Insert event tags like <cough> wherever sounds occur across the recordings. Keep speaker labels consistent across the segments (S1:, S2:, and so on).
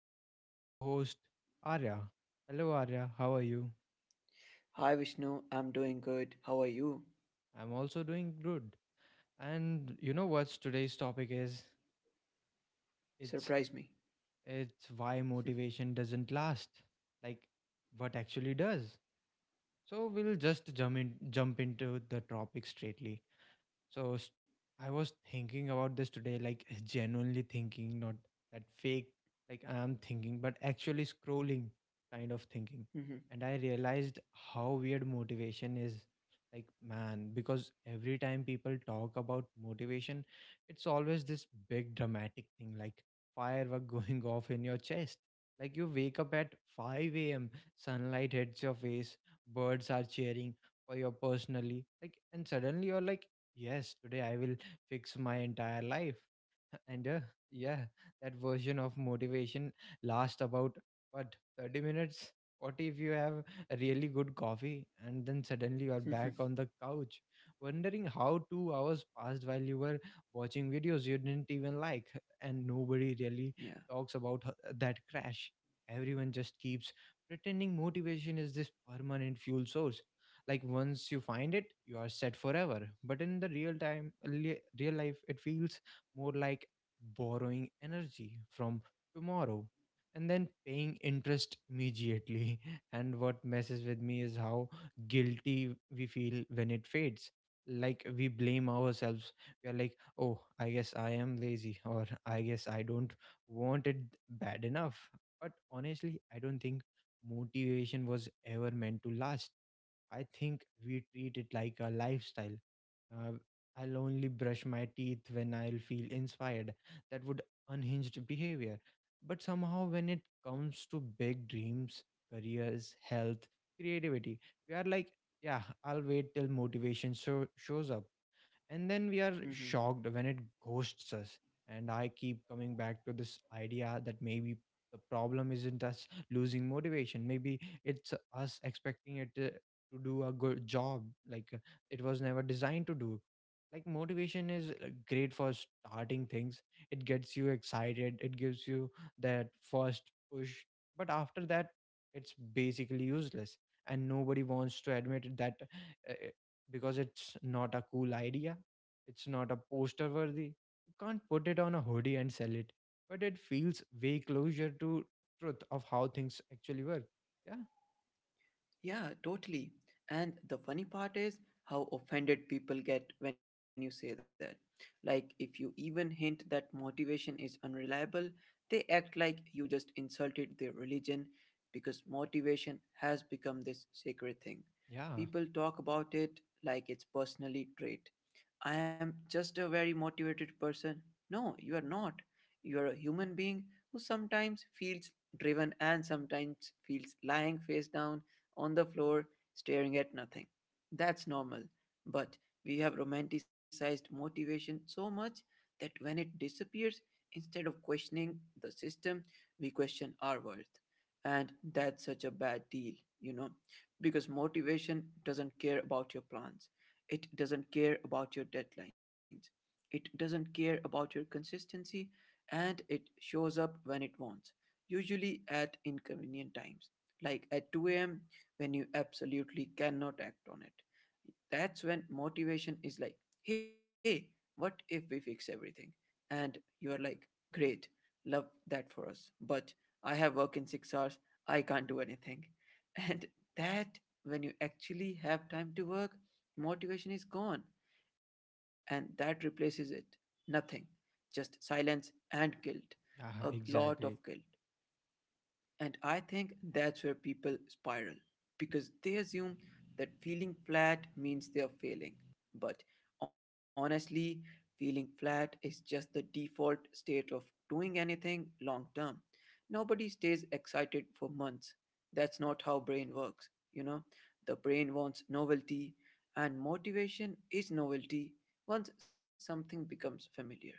S1: wonderful co host, Arya. Hello, Arya. How are you?
S2: Hi Vishnu, I'm doing good. How are you?
S1: I'm also doing good. And you know what's today's topic is? It's
S2: Surprise me.
S1: it's why motivation doesn't last. Like what actually does. So we'll just jump into the topic straightly. So I was thinking about this today, like <laughs> genuinely thinking, not that fake, like I am thinking, but actually scrolling kind of thinking. And I realized how weird motivation is. Like, man, because every time people talk about motivation, it's always this big dramatic thing, like firework <laughs> going off in your chest. Like, you wake up at 5 a.m., sunlight hits your face, birds are cheering for you personally, like, and suddenly you're like, yes, today I will fix my entire life and yeah, that version of motivation lasts about what, 30 minutes? What if you have a really good coffee and then suddenly you're
S2: Mm-hmm.
S1: back on the couch wondering how 2 hours passed while you were watching videos you didn't even like? And nobody really
S2: <laughs> yeah.
S1: talks about that crash. Everyone just keeps pretending motivation is this permanent fuel source, like once you find it you are set forever, but in the real life it feels more like borrowing energy from tomorrow and then paying interest immediately. <laughs> And what messes with me is how guilty we feel when it fades. Like we blame ourselves. We are like, oh, I guess I am lazy, or I guess I don't want it bad enough. But honestly, I don't think motivation was ever meant to last. I think we treat it like a lifestyle. Uh, I'll only brush my teeth when I'll feel inspired, that would unhinged behavior. But somehow, when it comes to big dreams, careers, health, creativity, we are like, yeah, I'll wait till motivation so shows up, and then we are
S2: Mm-hmm.
S1: shocked when it ghosts us. And I keep coming back to this idea that maybe the problem isn't us losing motivation, maybe it's us expecting it to do a good job, like it was never designed to do. Like motivation is great for starting things, it gets you excited, it gives you that first push, but after that it's basically useless. And nobody wants to admit that, uh, because it's not a cool idea, it's not a poster worthy. You can't put it on a hoodie and sell it. But it feels way closer to truth of how things actually work. Yeah.
S2: Yeah, totally. And the funny part is how offended people get when you say that. Like, if you even hint that motivation is unreliable, they act like you just insulted their religion because motivation has become this sacred thing.
S1: Yeah.
S2: People talk about it like it's personally trait, I am just a very motivated person. No, you are not. You are a human being who sometimes feels driven and sometimes feels lying face down on the floor staring at nothing. That's normal. But we have romanticized motivation so much that when it disappears, instead of questioning the system, we question our worth. And that's such a bad deal, you know, because motivation doesn't care about your plans, it doesn't care about your deadlines. It doesn't care about your consistency, and it shows up when it wants, usually at inconvenient times, like at 2 a.m. when you absolutely cannot act on it. That's when motivation is like, hey, what if we fix everything? And you are like, great, love that for us. But I have work in 6 hours, I can't do anything. <laughs> And that, when you actually have time to work, motivation is gone. And that replaces it. Nothing. Just silence and guilt. A
S1: Yeah,
S2: lot of guilt.
S1: exactly.
S2: And I think that's where people spiral because they assume that feeling flat means they are failing. But honestly, feeling flat is just the default state of doing anything long term. Nobody stays excited for months. That's not how brain works, you know. The brain wants novelty and motivation is novelty once something becomes familiar.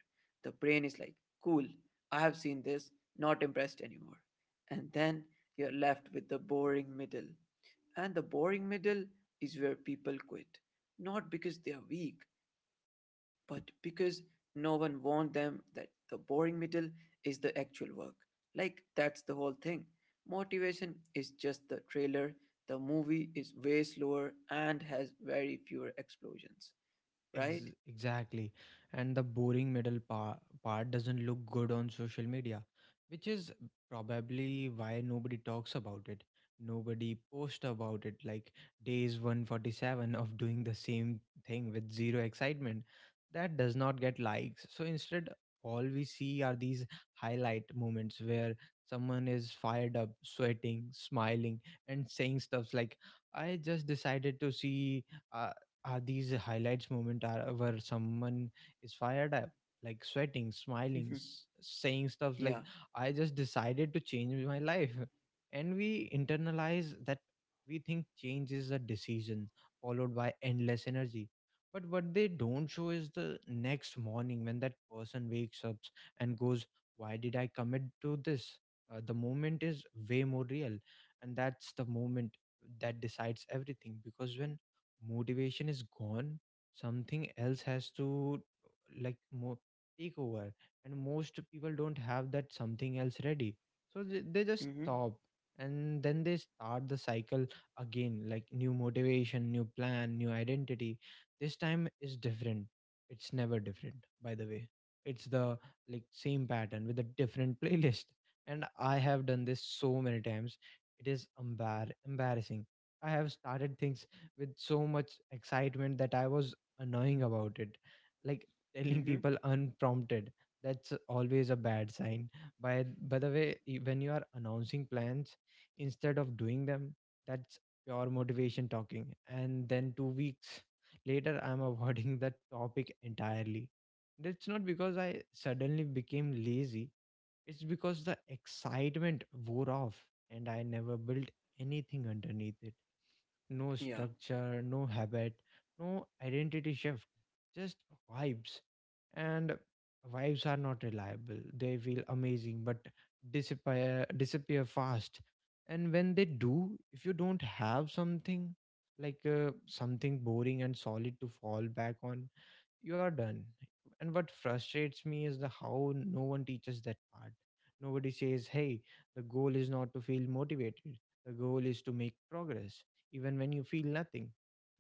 S2: The brain is like, "Cool, I have seen this, not impressed anymore," and then you're left with the boring middle. And the boring middle is where people quit, not because they are weak, but because no one warned them that the boring middle is the actual work. Like, that's the whole thing. Motivation is just the trailer, the movie is way slower and has very fewer explosions, right?
S1: Exactly. And the boring middle part doesn't look good on social media, which is probably why nobody talks about it. Nobody posts about it. Like days 147 of doing the same thing with zero excitement. That does not get likes. So instead, all we see are these highlight moments where someone is fired up, sweating, smiling, and saying stuffs like, I just decided to see. uh, are these highlights moment are where someone is fired up, like sweating, smiling,
S2: <laughs>
S1: saying stuff
S2: yeah.
S1: like, I just decided to change my life. And we internalize that. We think change is a decision followed by endless energy, but what they don't show is the next morning when that person wakes up and goes, why did I commit to this? The moment is way more real, and that's the moment that decides everything, because when motivation is gone, something else has to, like take over, and most people don't have that something else ready, so they just
S2: Mm-hmm.
S1: stop. And then they start the cycle again, like new motivation, new plan, new identity, this time is different. It's never different, by the way. It's the like same pattern with a different <laughs> playlist. And I have done this so many times, it is embarrassing. I have started things with so much excitement that I was annoying about it. Like
S2: Mm-hmm.
S1: telling people unprompted. That's always a bad sign. By by the way, when you are announcing plans instead of doing them, that's pure motivation talking. And then 2 weeks later I'm <laughs> avoiding that topic entirely. That's not because I suddenly became lazy. It's because the excitement wore off and I never built anything underneath it, no
S2: Yeah.
S1: structure, no habit, no identity shift, just vibes. And vibes are not reliable. They feel amazing but disappear fast. And when they do, if you don't have something like something boring and solid to fall back on, you are done. And what frustrates me is the how no one teaches that part. Nobody says, hey, the goal is not to feel motivated. The goal is to make progress, even when you feel nothing.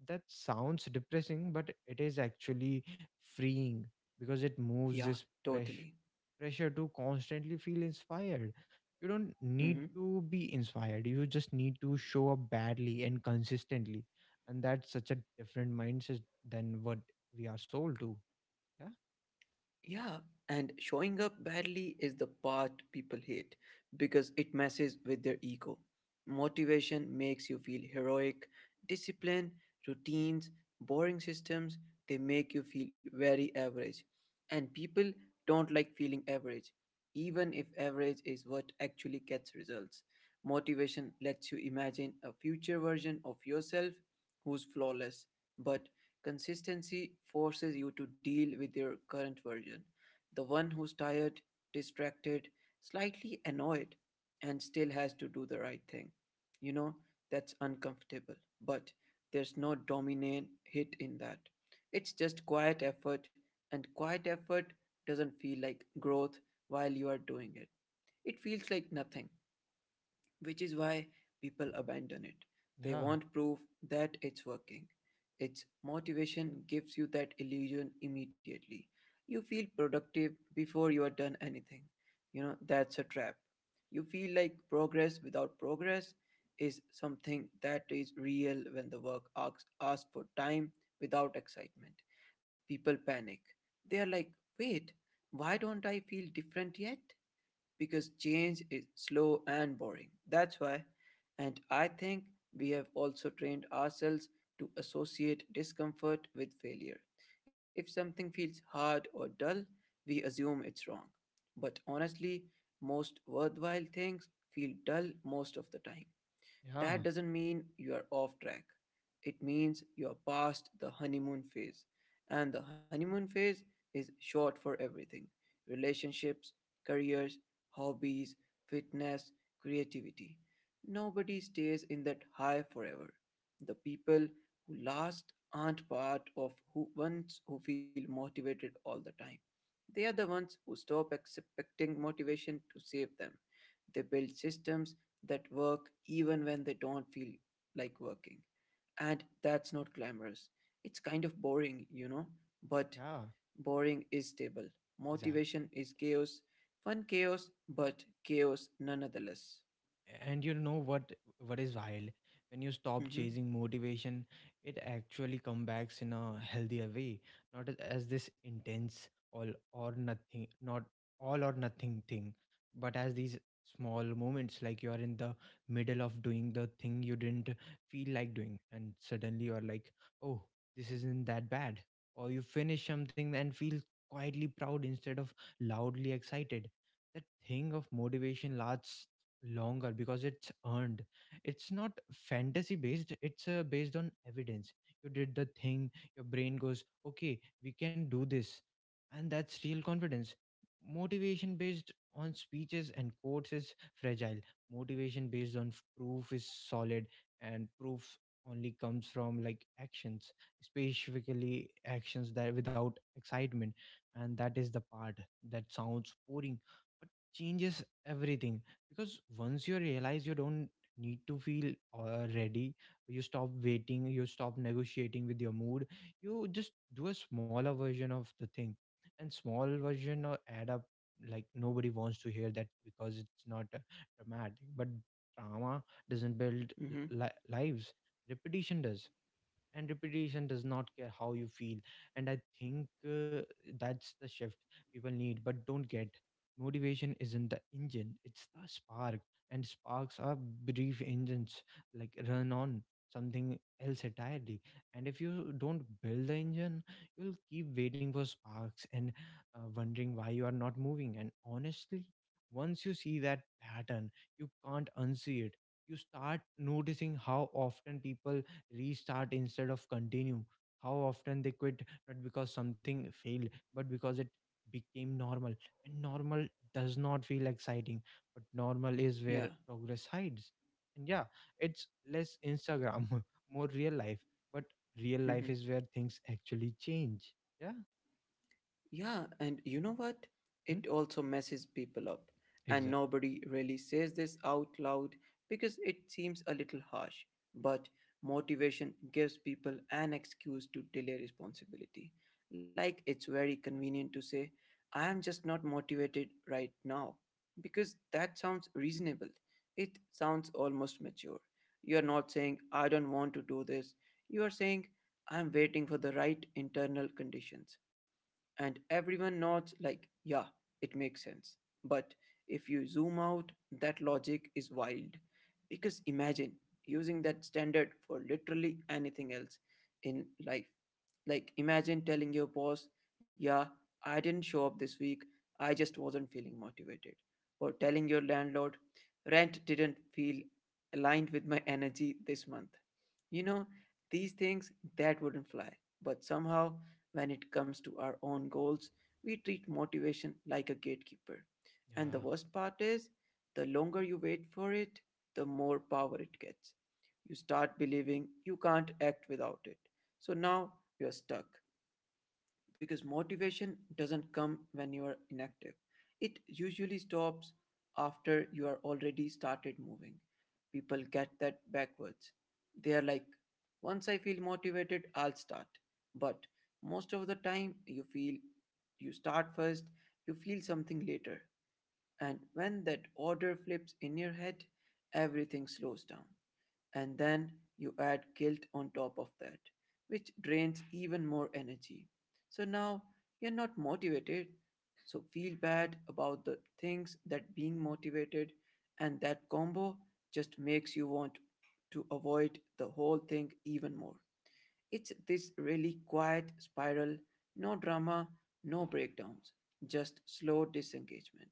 S1: That sounds depressing, but it is actually freeing, because it moves
S2: Yeah.
S1: this press-
S2: Totally.
S1: pressure to constantly feel inspired. You don't need
S2: Mm-hmm.
S1: to be inspired, you just need to show up badly and consistently. And that's such a different mindset than what we are sold to. Ja,
S2: Yeah, and showing up badly is the part people hate because it messes with their ego. Motivation makes you feel heroic, discipline, routines, boring systems, they make you feel very average. And people don't like feeling average, even if average is what actually gets results. Motivation lets you imagine a future version of yourself who's flawless, but consistency forces you to deal with your current version, the one who's tired, distracted, slightly annoyed, and still has to do the right thing. You know, that's uncomfortable, but there's no dominant hit in that. It's just quiet effort, and quiet effort doesn't feel like growth while you are doing it. It feels like nothing, which is why people abandon it. They
S1: ja,
S2: want proof that it's working. Its motivation gives you that illusion immediately. You feel productive before you are done anything. You know, that's a trap. You feel like progress without progress is something that is real when the work asks for time without excitement. People panic. They are like, wait, why don't I feel different yet? Because change is slow and boring. That's why, and I think we have also trained ourselves to associate discomfort with failure. If something feels hard or dull, we assume it's wrong. But honestly, most worthwhile things feel dull most of the time. That
S1: ja,
S2: doesn't mean you are off track. It means you are past the honeymoon phase. And the honeymoon phase is short for everything: relationships, careers, hobbies, fitness, creativity. Nobody stays in that high forever. The people who last aren't part of who ones who feel motivated all the time. They are the ones who stop expecting motivation to save them. They build systems that work even when they don't feel like working. And that's not glamorous. It's kind of boring, you know, but
S1: ja,
S2: boring is stable.
S1: wie,
S2: Motivation is chaos, fun chaos, but chaos nonetheless.
S1: and you know what is wild, when you stop
S2: Mm-hmm.
S1: chasing motivation it actually comes back in a healthier way, not as this intense all or nothing, not all or nothing thing, but as these small moments, like you are in the middle of doing the thing you didn't feel like doing and suddenly you're like, oh, this isn't that bad. Or you finish something and feel quietly proud instead of loudly excited. That thing of motivation lasts longer because it's earned. It's not fantasy based, it's based on evidence. You did the thing, your brain goes okay, we can do this, and that's real confidence. Motivation based on speeches and quotes is fragile, motivation based on proof is solid. And proof only comes from like actions, specifically actions that without excitement. And that is the part that sounds boring but changes everything, because once you realize you don't need to feel ready, you stop waiting, you stop negotiating with your mood, you just do a smaller version of the thing. And small version or add up, like nobody wants to hear that because it's not dramatic, but drama doesn't build
S2: Mm-hmm.
S1: lives. Repetition does. And repetition does not care how you feel. And I think that's the shift people need but don't get. Motivation isn't the engine, it's the spark, and sparks are brief. Engines like run on something else entirely, and if you don't build the engine you'll keep waiting for sparks and wondering why you are not moving. And honestly, once you see that pattern, you can't unsee it. You start noticing how often people restart instead of continue, how often they quit not because something failed but because it became normal. And normal does not feel exciting, but normal is
S2: Yeah.
S1: where progress hides. And yeah, it's less Instagram <laughs> more real life, but real life is
S2: <laughs>
S1: where things actually change. Yeah.
S2: Yeah, and you know what?
S1: Hmm?
S2: It also messes people up. And
S1: Exactly.
S2: nobody really says this out loud because it seems a little harsh. But motivation gives people an excuse to delay responsibility. Like it's very convenient to say, I am just not motivated right now. Because that sounds reasonable. It sounds almost mature. You are not saying, I don't want to do this. You are saying, I am waiting for the right internal conditions, and everyone nods, like, yeah, it makes sense. But if you zoom out, that logic is wild. Because imagine using that standard for literally anything else in life. Like, imagine telling your boss, yeah, I didn't show up this week, I just wasn't feeling motivated. Or telling your landlord, rent didn't feel aligned with my energy this month. You know, these things that wouldn't fly, but somehow when it comes to our own goals, we treat motivation like a gatekeeper. And the
S1: Yeah.
S2: worst part is, the longer you wait for it, the more power it gets. You start believing you can't act without it. So now you're stuck because motivation doesn't come when you are inactive. It usually stops after you are already started moving. People get that backwards. They are like, once I feel motivated, I'll start. But most of the time, you feel you start first, you feel something later. And when that order flips in your head, everything slows down and then you add guilt on top of that, which drains even more energy. So now you're not motivated, so feel bad about the things that being motivated, and that combo just makes you want to avoid the whole thing even more. It's this really quiet spiral, no drama, no breakdowns, just slow disengagement.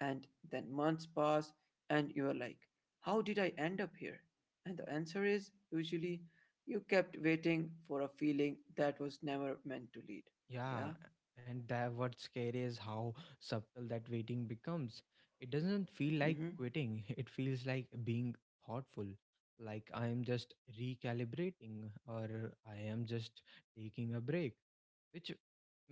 S2: And then months pass, and you're like, how did I end up here? And the answer is usually, you kept waiting for a feeling that was never meant to lead. Yeah?
S1: Yeah, and that what's scary is how subtle that waiting becomes. It doesn't feel
S2: Mm
S1: like
S2: hmm.
S1: quitting, <laughs> it feels like being thoughtful. Like I am just recalibrating, or I am just taking a break, which,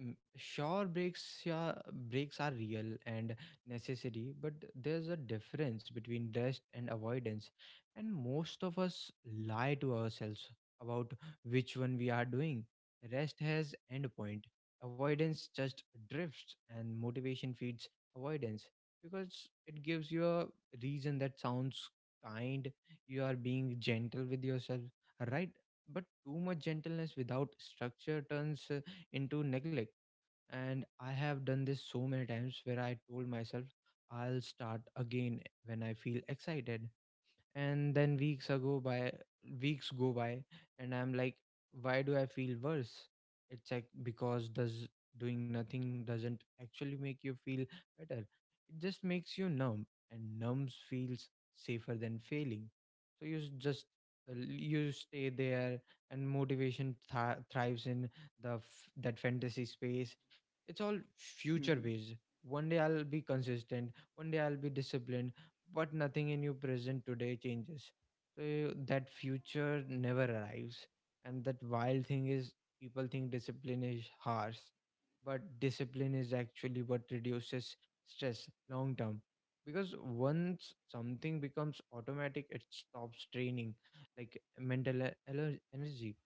S1: mm, sure, breaks, yeah, breaks are real and necessary, but there's a difference between rest and avoidance, and most of us lie to ourselves about which one we are doing. Rest has end point. Avoidance just drifts, and motivation feeds avoidance because it gives you a reason that sounds kind. You are being gentle with yourself, right? But too much gentleness without structure turns into neglect. And I have done this so many times where I told myself I'll start again when I feel excited, and then weeks go by and I'm like, why do I feel worse? It's like, because does doing nothing doesn't actually make you feel better, it just makes you numb, and numbs feels safer than failing, so you s- just you stay there. And motivation thrives in that fantasy space. It's all future
S2: Mm hmm.
S1: based, one day I'll be consistent, one day I'll be disciplined, but nothing in your present today changes. So that future never arrives. And that wild thing is, people think discipline is harsh, but discipline is actually what reduces stress long term. Because once something becomes automatic, it stops draining like mental energy.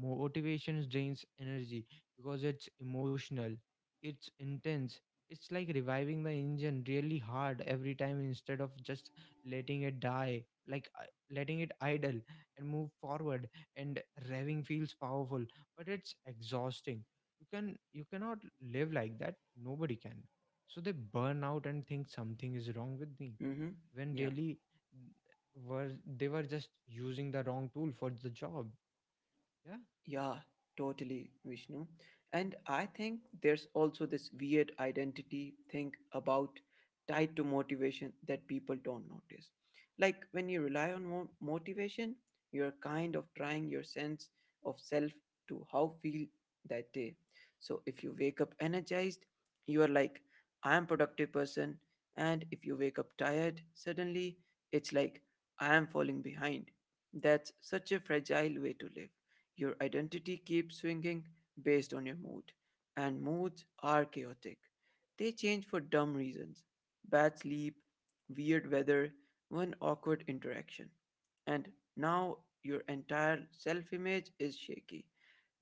S1: Motivation drains energy because it's emotional, it's intense, it's like reviving the engine really hard every time instead of just letting it die, like letting it idle and move forward. And revving feels powerful but it's exhausting. You cannot live like that, nobody can. So they burn out and think something is wrong with me,
S2: Mm hmm.
S1: when
S2: Yeah.
S1: really, mm, were they were just using the wrong tool for the job. Yeah.
S2: Yeah, totally, Vishnu. And I think there's also this weird identity thing about tied to motivation that people don't notice. Like when you rely on motivation, you're kind of trying your sense of self to how feel that day. So if you wake up energized, you are like, I am productive person. And if you wake up tired suddenly, it's like I am falling behind. That's such a fragile way to live, your identity keeps swinging based on your mood, and moods are chaotic. They change for dumb reasons: bad sleep, weird weather, one awkward interaction. And now your entire self image is shaky.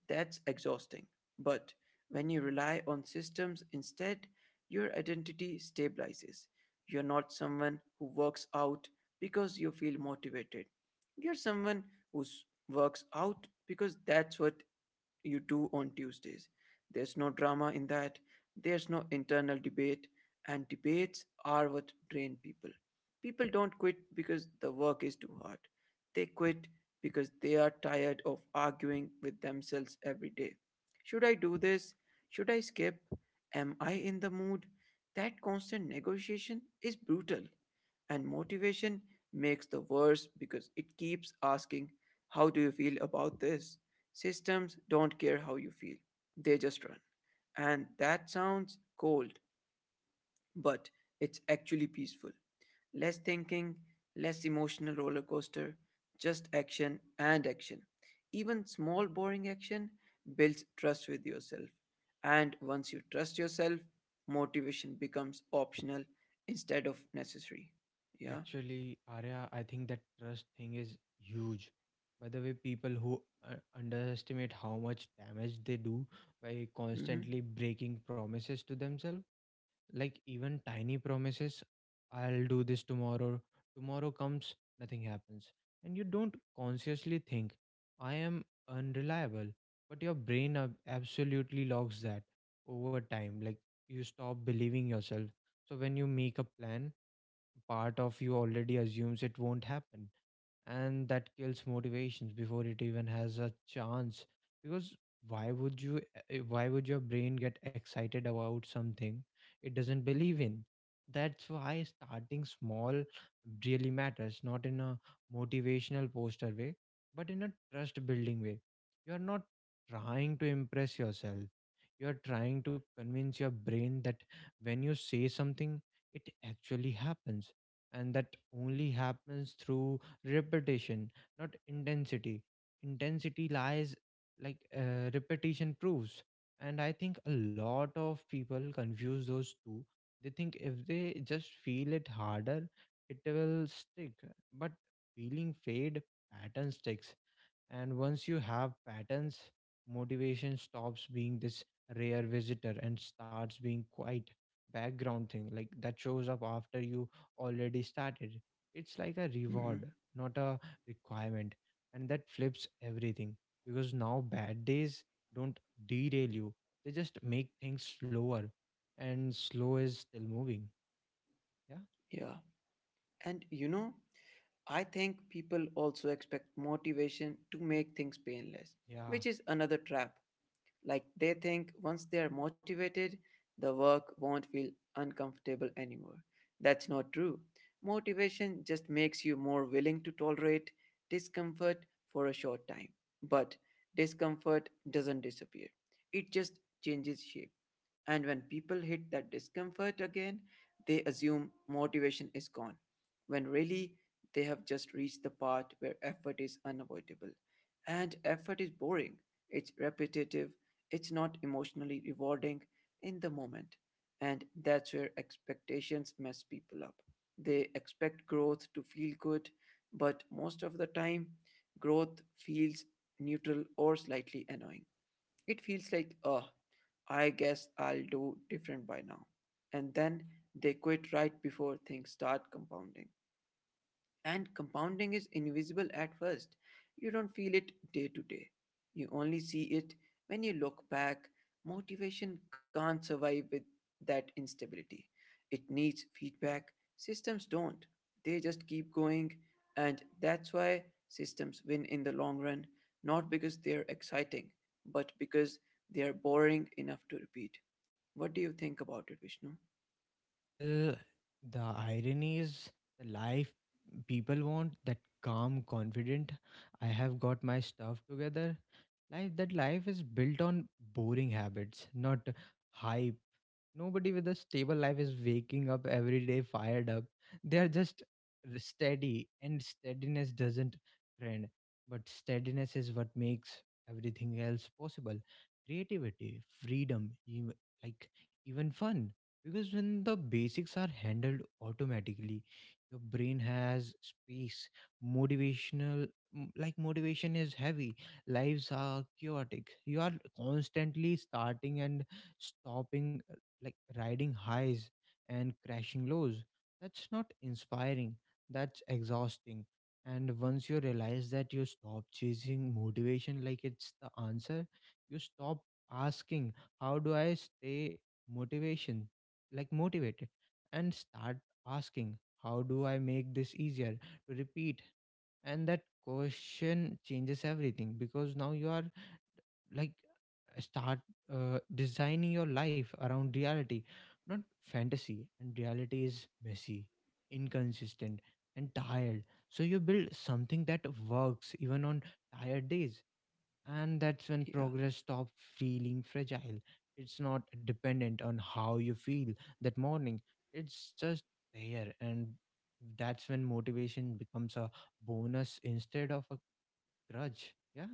S2: That's exhausting. But when you rely on systems instead, your identity stabilizes. You're not someone who works out because you feel motivated. You're someone who works out because that's what you do on Tuesdays. There's no drama in that. There's no internal debate, and debates are what drain people. People don't quit because the work is too hard. They quit because they are tired of arguing with themselves every day. Should I do this? Should I skip? Am I in the mood? That constant negotiation is brutal. And motivation makes the worse because it keeps asking, how do you feel about this? Systems don't care how you feel, they just run. And that sounds cold, but it's actually peaceful. Less thinking, less emotional roller coaster, just action and action. Even small, boring action builds trust with yourself. And once you trust yourself, motivation becomes optional instead of necessary. Yeah.
S1: Actually, Arya, I think that trust thing is huge. By the way, people who underestimate how much damage they do by
S2: Mm-hmm.
S1: constantly breaking promises to themselves, like even tiny promises. I'll do this tomorrow, tomorrow comes, nothing happens. And you don't consciously think, I am unreliable, but your brain absolutely logs that over time. Like, you stop believing yourself. So when you make a plan, part of you already assumes it won't happen, and that kills motivations before it even has a chance, because why would your brain get excited about something it doesn't believe in? That's why starting small really matters, not in a motivational poster way, but in a trust building way. You are not trying to impress yourself, you are trying to convince your brain that when you say something, it actually happens. And that only happens through repetition, not intensity. Intensity lies, like repetition proves. And I think a lot of people confuse those two. They think if they just feel it harder, it will stick. But feeling fade, pattern sticks. And once you have patterns, motivation stops being this rare visitor and starts being quite background thing, like that shows up after you already started. It's like a
S2: Mm-hmm.
S1: reward, not a requirement. And that flips everything, because now bad days don't derail you. They just make things slower, and slow is still moving. Yeah.
S2: Yeah. And you know, I think people also expect motivation to make things painless,
S1: Yeah.
S2: which is another trap. Like they think once they are motivated, the work won't feel uncomfortable anymore. That's not true. Motivation just makes you more willing to tolerate discomfort for a short time. But discomfort doesn't disappear, it just changes shape. And when people hit that discomfort again, they assume motivation is gone, when really they have just reached the part where effort is unavoidable. And effort is boring, it's repetitive, it's not emotionally rewarding in the moment. And that's where expectations mess people up. They expect growth to feel good, but most of the time, growth feels neutral or slightly annoying. It feels like, oh, I guess I'll do different by now. And then they quit right before things start compounding. And compounding is invisible at first. You don't feel it day to day. You only see it when you look back. Motivation can't survive with that instability. It needs feedback. Systems don't. They just keep going. And that's why systems win in the long run, not because they're exciting, but because they are boring enough to repeat. What do you think about it, Vishnu?
S1: Well, the irony is, the life people want, that calm, confident, I have got my stuff together Life that life is built on boring habits, not high. Nobody with a stable life is waking up every day fired up. They are just steady, and steadiness doesn't trend. But steadiness is what makes everything else possible: creativity, freedom, even, like, even fun. Because when the basics are handled automatically, your brain has space. Motivational, like motivation is heavy. Lives are chaotic. You are constantly starting and stopping, like riding highs and crashing lows. That's not inspiring, that's exhausting. And once you realize that, you stop chasing motivation like it's the answer. You stop asking, how do I stay motivation, like, motivated, and start asking, how do I make this easier to repeat? And that question changes everything, because now you are like, start designing your life around reality, not fantasy. And reality is messy, inconsistent, and tired, so you build something that works even on tired days. And that's when
S2: Yeah.
S1: progress stops feeling fragile. It's not dependent on how you feel that morning, it's just there. And that's when motivation becomes a bonus instead of a grudge. Yeah.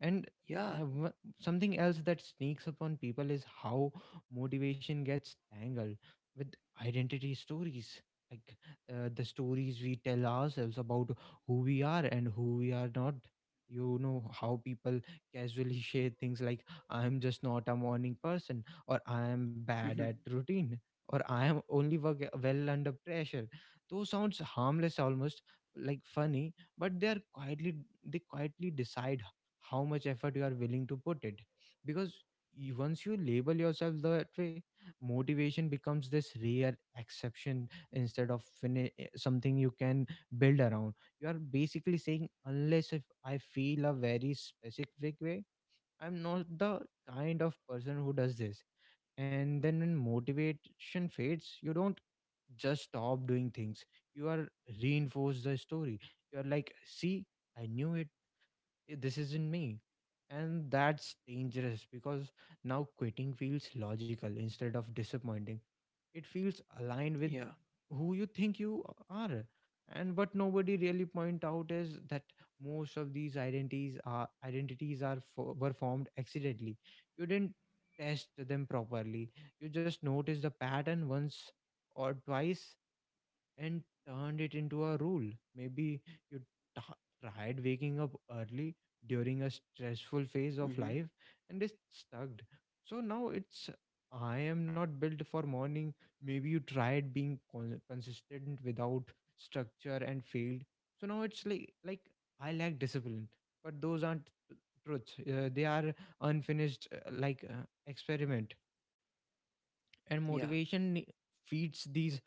S1: And I
S2: Yeah.
S1: have something else that sneaks up on people is how motivation gets tangled with identity stories, like the stories we tell ourselves about who we are and who we are not. You know how people casually <laughs> share things like, I am just not a morning person, or I am
S2: <laughs> yeah. Hmm.
S1: bad at routine, or I am only work well under pressure. Those sounds harmless, almost like funny, but they quietly decide how much effort you are willing to put it. Because once you label yourself that way, motivation becomes this rare exception instead of something you can build around. You are basically saying, unless if I feel a very specific way, I'm not the kind of person who does this. And then when motivation fades, you don't just stop doing things, you are reinforce the story. You are like, see, I knew it. This isn't me. And that's dangerous because now quitting feels logical instead of disappointing. It feels aligned
S2: Yeah.
S1: with who you think you are. And what nobody really point out is that most of these identities were formed accidentally. You didn't test them properly, you just noticed the pattern once or twice and turned it into a rule. Maybe you t- tried waking up early during a stressful phase
S2: Hmm.
S1: of life, and it stuck. So now it's, I am not built for morning. Maybe you tried being consistent without structure and failed. So now it's like I lack discipline. But those aren't truths. They are unfinished like experiment. And
S2: Yeah.
S1: motivation feeds these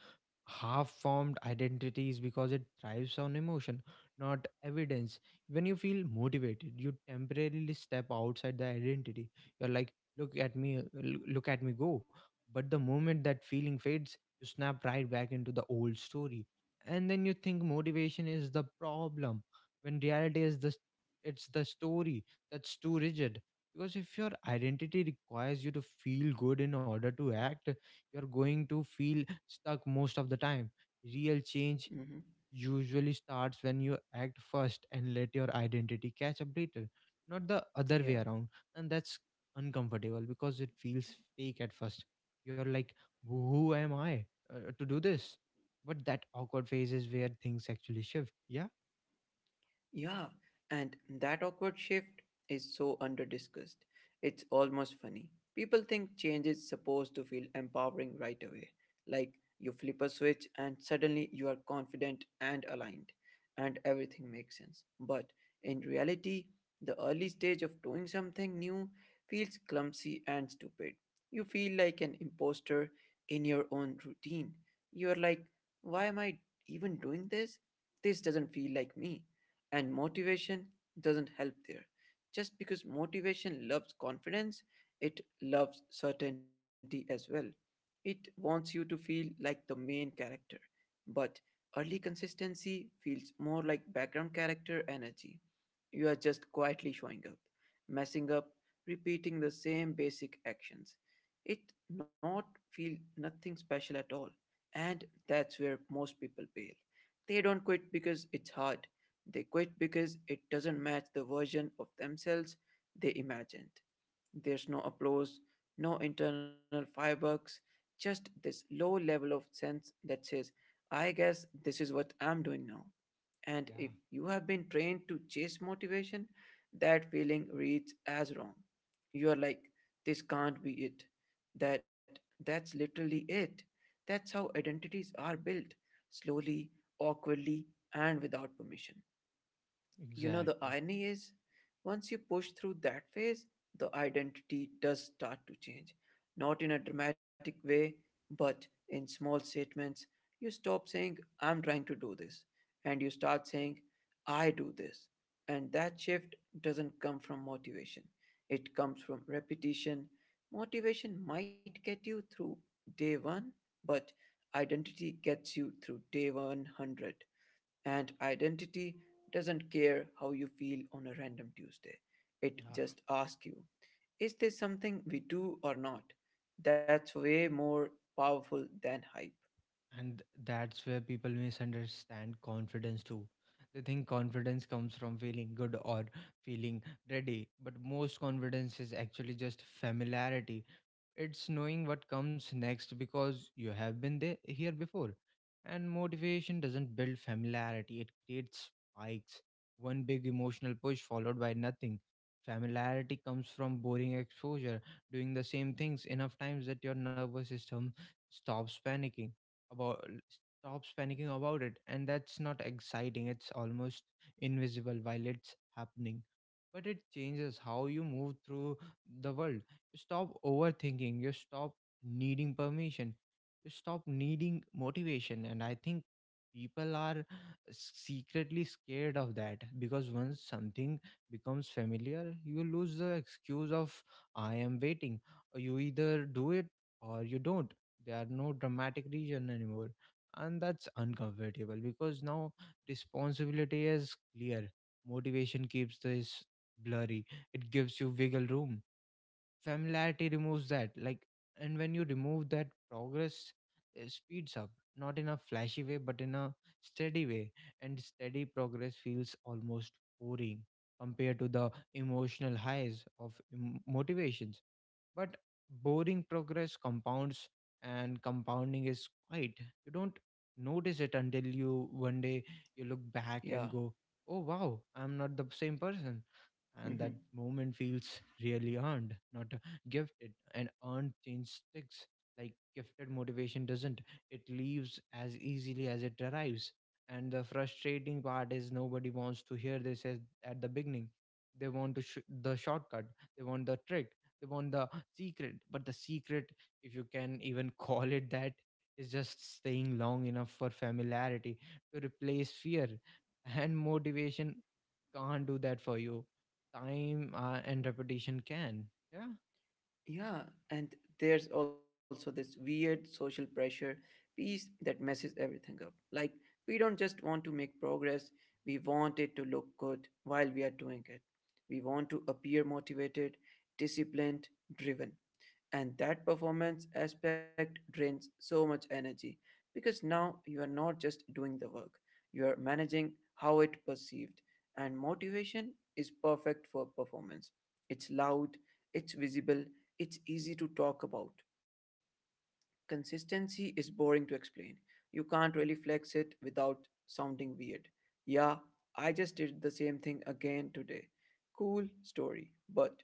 S1: half formed identities because it thrives on emotion, not evidence. When you feel motivated, you temporarily step outside the identity. You're like, look at me go. But the moment that feeling fades, you snap right back into the old story. And then you think motivation is the problem, when reality is the it's the story that's too rigid. Because if your identity requires you to feel good in order to act, you're going to feel stuck most of the time. Real change
S2: Hmm.
S1: usually starts when you act first and let your identity catch up later, not the other way
S2: Yeah.
S1: around. And that's uncomfortable because it feels fake at first. You're like, who am I to do this? But that awkward phase is where things actually shift. Yeah.
S2: Yeah, and that awkward shift is so underdiscussed. It's almost funny. People think change is supposed to feel empowering right away. Like you flip a switch and suddenly you are confident and aligned, and everything makes sense. But in reality, the early stage of doing something new feels clumsy and stupid. You feel like an imposter in your own routine. You're like, why am I even doing this? This doesn't feel like me and motivation doesn't help there. Just because motivation loves confidence, it loves certainty as well. It wants you to feel like the main character. But early consistency feels more like background character energy. You are just quietly showing up, messing up, repeating the same basic actions. It not feel nothing special at all. And that's where most people fail. They don't quit because it's hard. They quit because it doesn't match the version of themselves they imagined. There's no applause, no internal fireworks, just this low level of sense that says, I guess this is what I'm doing now. And if
S1: Yeah,
S2: you have been trained to chase motivation, that feeling reads as wrong. You are like, this can't be it. That that's literally it. That's how identities are built, slowly, awkwardly, and without permission. You know, the
S1: exactly.
S2: irony is, once you push through that phase, the identity does start to change. Not in a dramatic way, but in small statements. You stop saying, I'm trying to do this, and you start saying, I do this. And that shift doesn't come from motivation, it comes from repetition. Motivation might get you through day one, but identity gets you through day 100. And identity doesn't care how you feel on a random Tuesday. It
S1: Yeah.
S2: just asks you, is this something we do or not? That's way more powerful than hype.
S1: And that's where people misunderstand confidence too. They think confidence comes from feeling good or feeling ready, but most confidence is actually just familiarity. It's knowing what comes next because you have been there here before. And motivation doesn't build familiarity, it creates spikes. One big emotional push followed by nothing. Familiarity comes from boring exposure, doing the same things enough times that your nervous system stops panicking about stops panicking about it. And that's not exciting. It's almost invisible while it's happening. But it changes how you move through the world. Stop overthinking, you stop needing permission, you stop needing motivation. And I think people are secretly scared of that, because once something becomes familiar, you lose the excuse of, I am waiting. You either do it or you don't. There are no dramatic reason anymore, and that's uncomfortable because now responsibility is clear. Motivation keeps this blurry, it gives you wiggle room. Familiarity removes that, like, and when you remove that, progress speeds up, not in a flashy way, but in a steady way. And steady progress feels almost boring compared to the emotional highs of motivations. But boring progress compounds, and compounding is quite you don't notice it until, you one day, you look back and
S2: Yeah.
S1: go, oh wow, I'm not the same person. And that
S2: <laughs>
S1: moment feels really earned, not gifted. And earned change sticks. Like gifted motivation doesn't. It leaves as easily as it arrives. And the frustrating part is nobody wants to hear this at the beginning. They want to the shortcut. They want the trick. They want the secret. But the secret, if you can even <laughs> call it that, is just staying long enough for familiarity to replace fear. And motivation can't do that for you. Time and repetition can. Yeah.
S2: Yeah, and there's also this weird social pressure piece that messes everything up. Like, we don't just want to make progress, we want it to look good while we are doing it. We want to appear motivated, disciplined, driven. And that performance aspect drains so much energy because now you are not just doing the work, you are managing how it perceived, and motivation is perfect for performance. It's loud, it's visible, it's easy to talk about. Consistency is boring to explain. You can't really flex it without sounding weird. Yeah, I just did the same thing again today. Cool story, but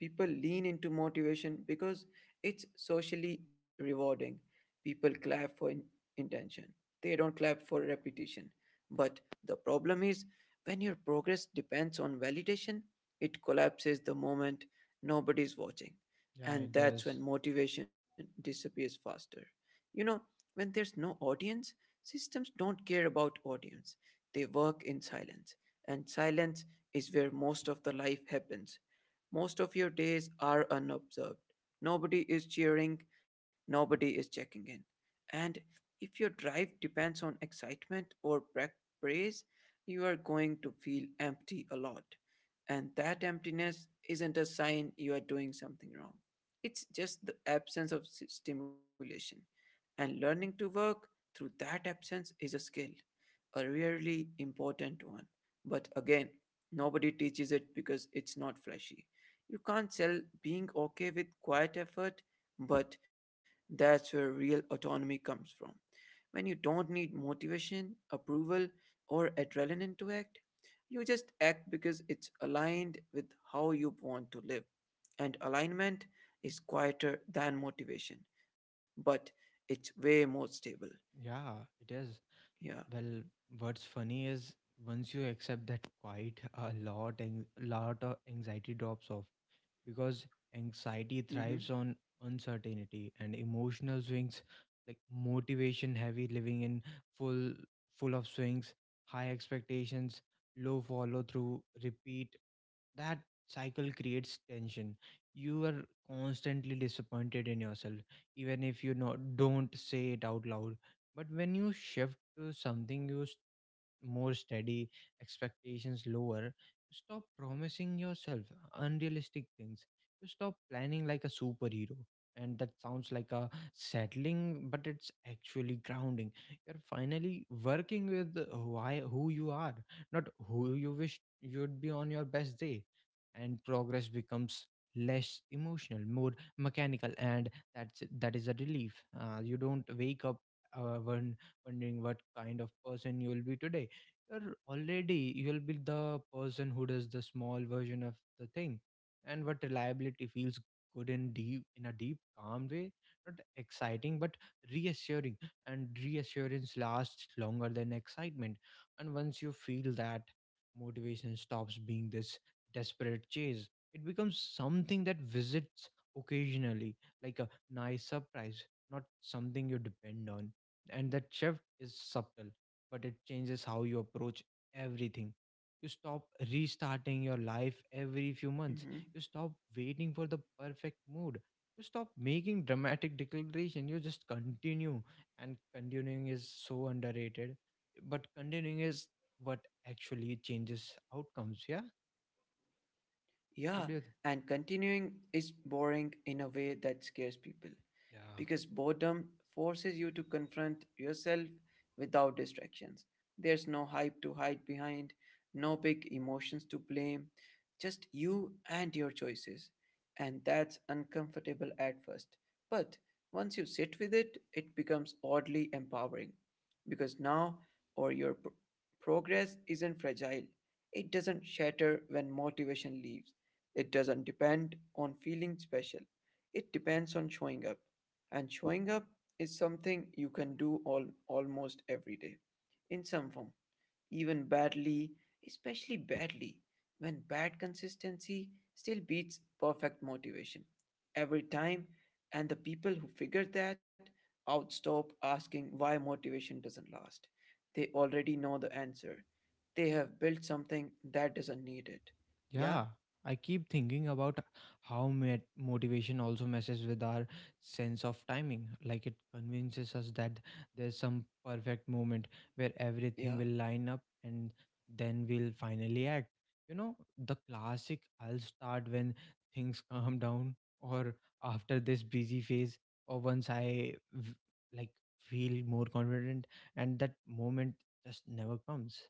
S2: people lean into motivation because it's socially rewarding. People clap for intention, they don't clap for repetition. But the problem is when your progress depends on validation, it collapses the moment nobody's watching
S1: Yeah,
S2: and
S1: it
S2: that's
S1: does.
S2: when motivation disappears faster. You know, when there's no audience, systems don't care about audience. They work in silence, and silence is where most of the life happens. Most of your days are unobserved. Nobody is cheering, nobody is checking in. And if your drive depends on excitement or praise, you are going to feel empty a lot. And that emptiness isn't a sign you are doing something wrong. It's just the absence of stimulation. And learning to work through that absence is a skill, a really important one. But again, nobody teaches it because it's not flashy. You can't sell being okay with quiet effort, but that's where real autonomy comes from. When you don't need motivation, approval, or adrenaline to act, you just act because it's aligned with how you want to live. And alignment is quieter than motivation, but it's way more stable.
S1: Yeah, it is.
S2: Yeah.
S1: Well, what's funny is, once you accept that, quite a lot, and lot of anxiety drops off, because anxiety thrives
S2: Mm-hmm.
S1: on uncertainty and emotional swings. Like motivation heavy living in, full full of swings. High expectations, low follow through, repeat. That cycle creates tension. You are constantly disappointed in yourself, even if you not don't say it out loud. But when you shift to something you more steady, expectations lower. You stop promising yourself unrealistic things. You stop planning like a superhero. And that sounds like a settling, but it's actually grounding. You're finally working with why who you are, not who you wish you'd be on your best day. And progress becomes less emotional, more mechanical, and that is a relief. You don't wake up uh, won- wondering what kind of person you will be today. You'll be the person who does the small version of the thing. And what reliability feels good in a deep calm way, not exciting but reassuring. And reassurance lasts longer than excitement. And once you feel that, motivation stops being this desperate chase. It becomes something that visits occasionally, like a nice surprise, not something you depend on. And that shift is subtle, but it changes how you approach everything. You stop restarting your life every few months. You
S2: Mm-hmm.
S1: stop waiting for the perfect mood. You stop making dramatic declaration. You just continue, and continuing is so underrated. But continuing is what actually changes outcomes. Yeah. What
S2: Yeah,
S1: do you?
S2: and continuing is boring in a way that scares people
S1: Yeah.
S2: because boredom forces you to confront yourself without distractions. There's no hype to hide behind, no big emotions to blame, just you and your choices. And that's uncomfortable at first. But once you sit with it, it becomes oddly empowering because now or your progress isn't fragile. It doesn't shatter when motivation leaves. It doesn't depend on feeling special, it depends on showing up. And showing up is something you can do all, almost every day in some form, even badly, especially badly, when bad consistency still beats perfect motivation every time. And the people who figure that out stop asking why motivation doesn't last. They already know the answer. They have built something that doesn't need it.
S1: Yeah,
S2: Yeah,
S1: I keep thinking about how met motivation also messes with our sense of timing. Like, it convinces us that there's some perfect moment where everything
S2: yeah.
S1: will line up and then we'll finally act. You know, the classic "I'll start when things <laughs> calm down, or after this busy phase, or once I like feel more confident," and that moment just never comes.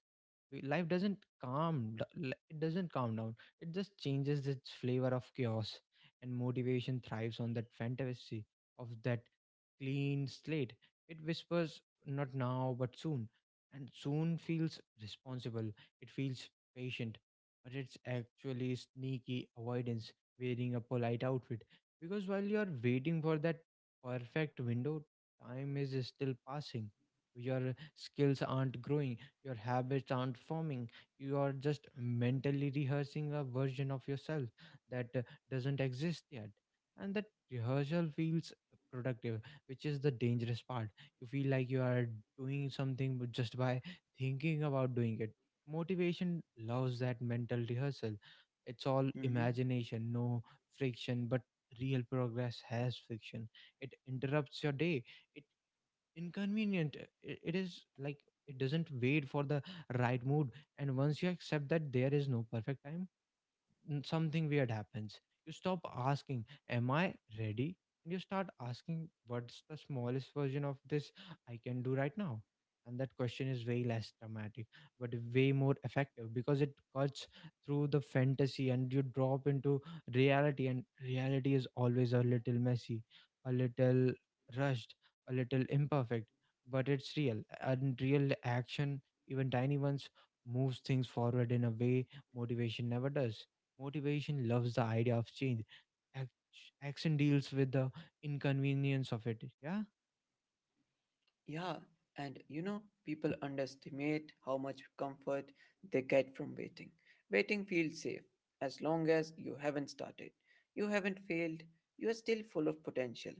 S1: Life doesn't calm d- it doesn't calm down, it just changes its flavor of chaos. And motivation thrives on that fantasy of that clean slate. It whispers "not now but soon," and soon feels responsible, it feels patient, but it's actually sneaky avoidance wearing a polite outfit. Because while you are waiting for that perfect window, time is still passing, your skills aren't growing, your habits aren't forming. You are just mentally rehearsing a version of yourself that doesn't exist yet. And that rehearsal feels productive, which is the dangerous part. You feel like you are doing something but just by thinking about doing it. Motivation loves that mental rehearsal. It's all
S2: Hmm.
S1: imagination, no friction, but real progress has friction. It interrupts your day, inconvenient. It is like it doesn't wait for the right mood. And once you accept that there is no perfect time, something weird happens. You stop asking, "Am I ready?" And you start asking, "What's the smallest version of this I can do right now?" And that question is way less dramatic, but way more effective, because it cuts through the fantasy and you drop into reality. And reality is always a little messy, a little rushed, a little imperfect, but it's real. And real action, even tiny ones, moves things forward in a way motivation never does. Motivation loves the idea of change. Ac- Action deals with the inconvenience of it. Yeah,
S2: Yeah, and you know, people underestimate how much comfort they get from waiting. Waiting feels safe as long as you haven't started, you haven't failed, you are still full of potential.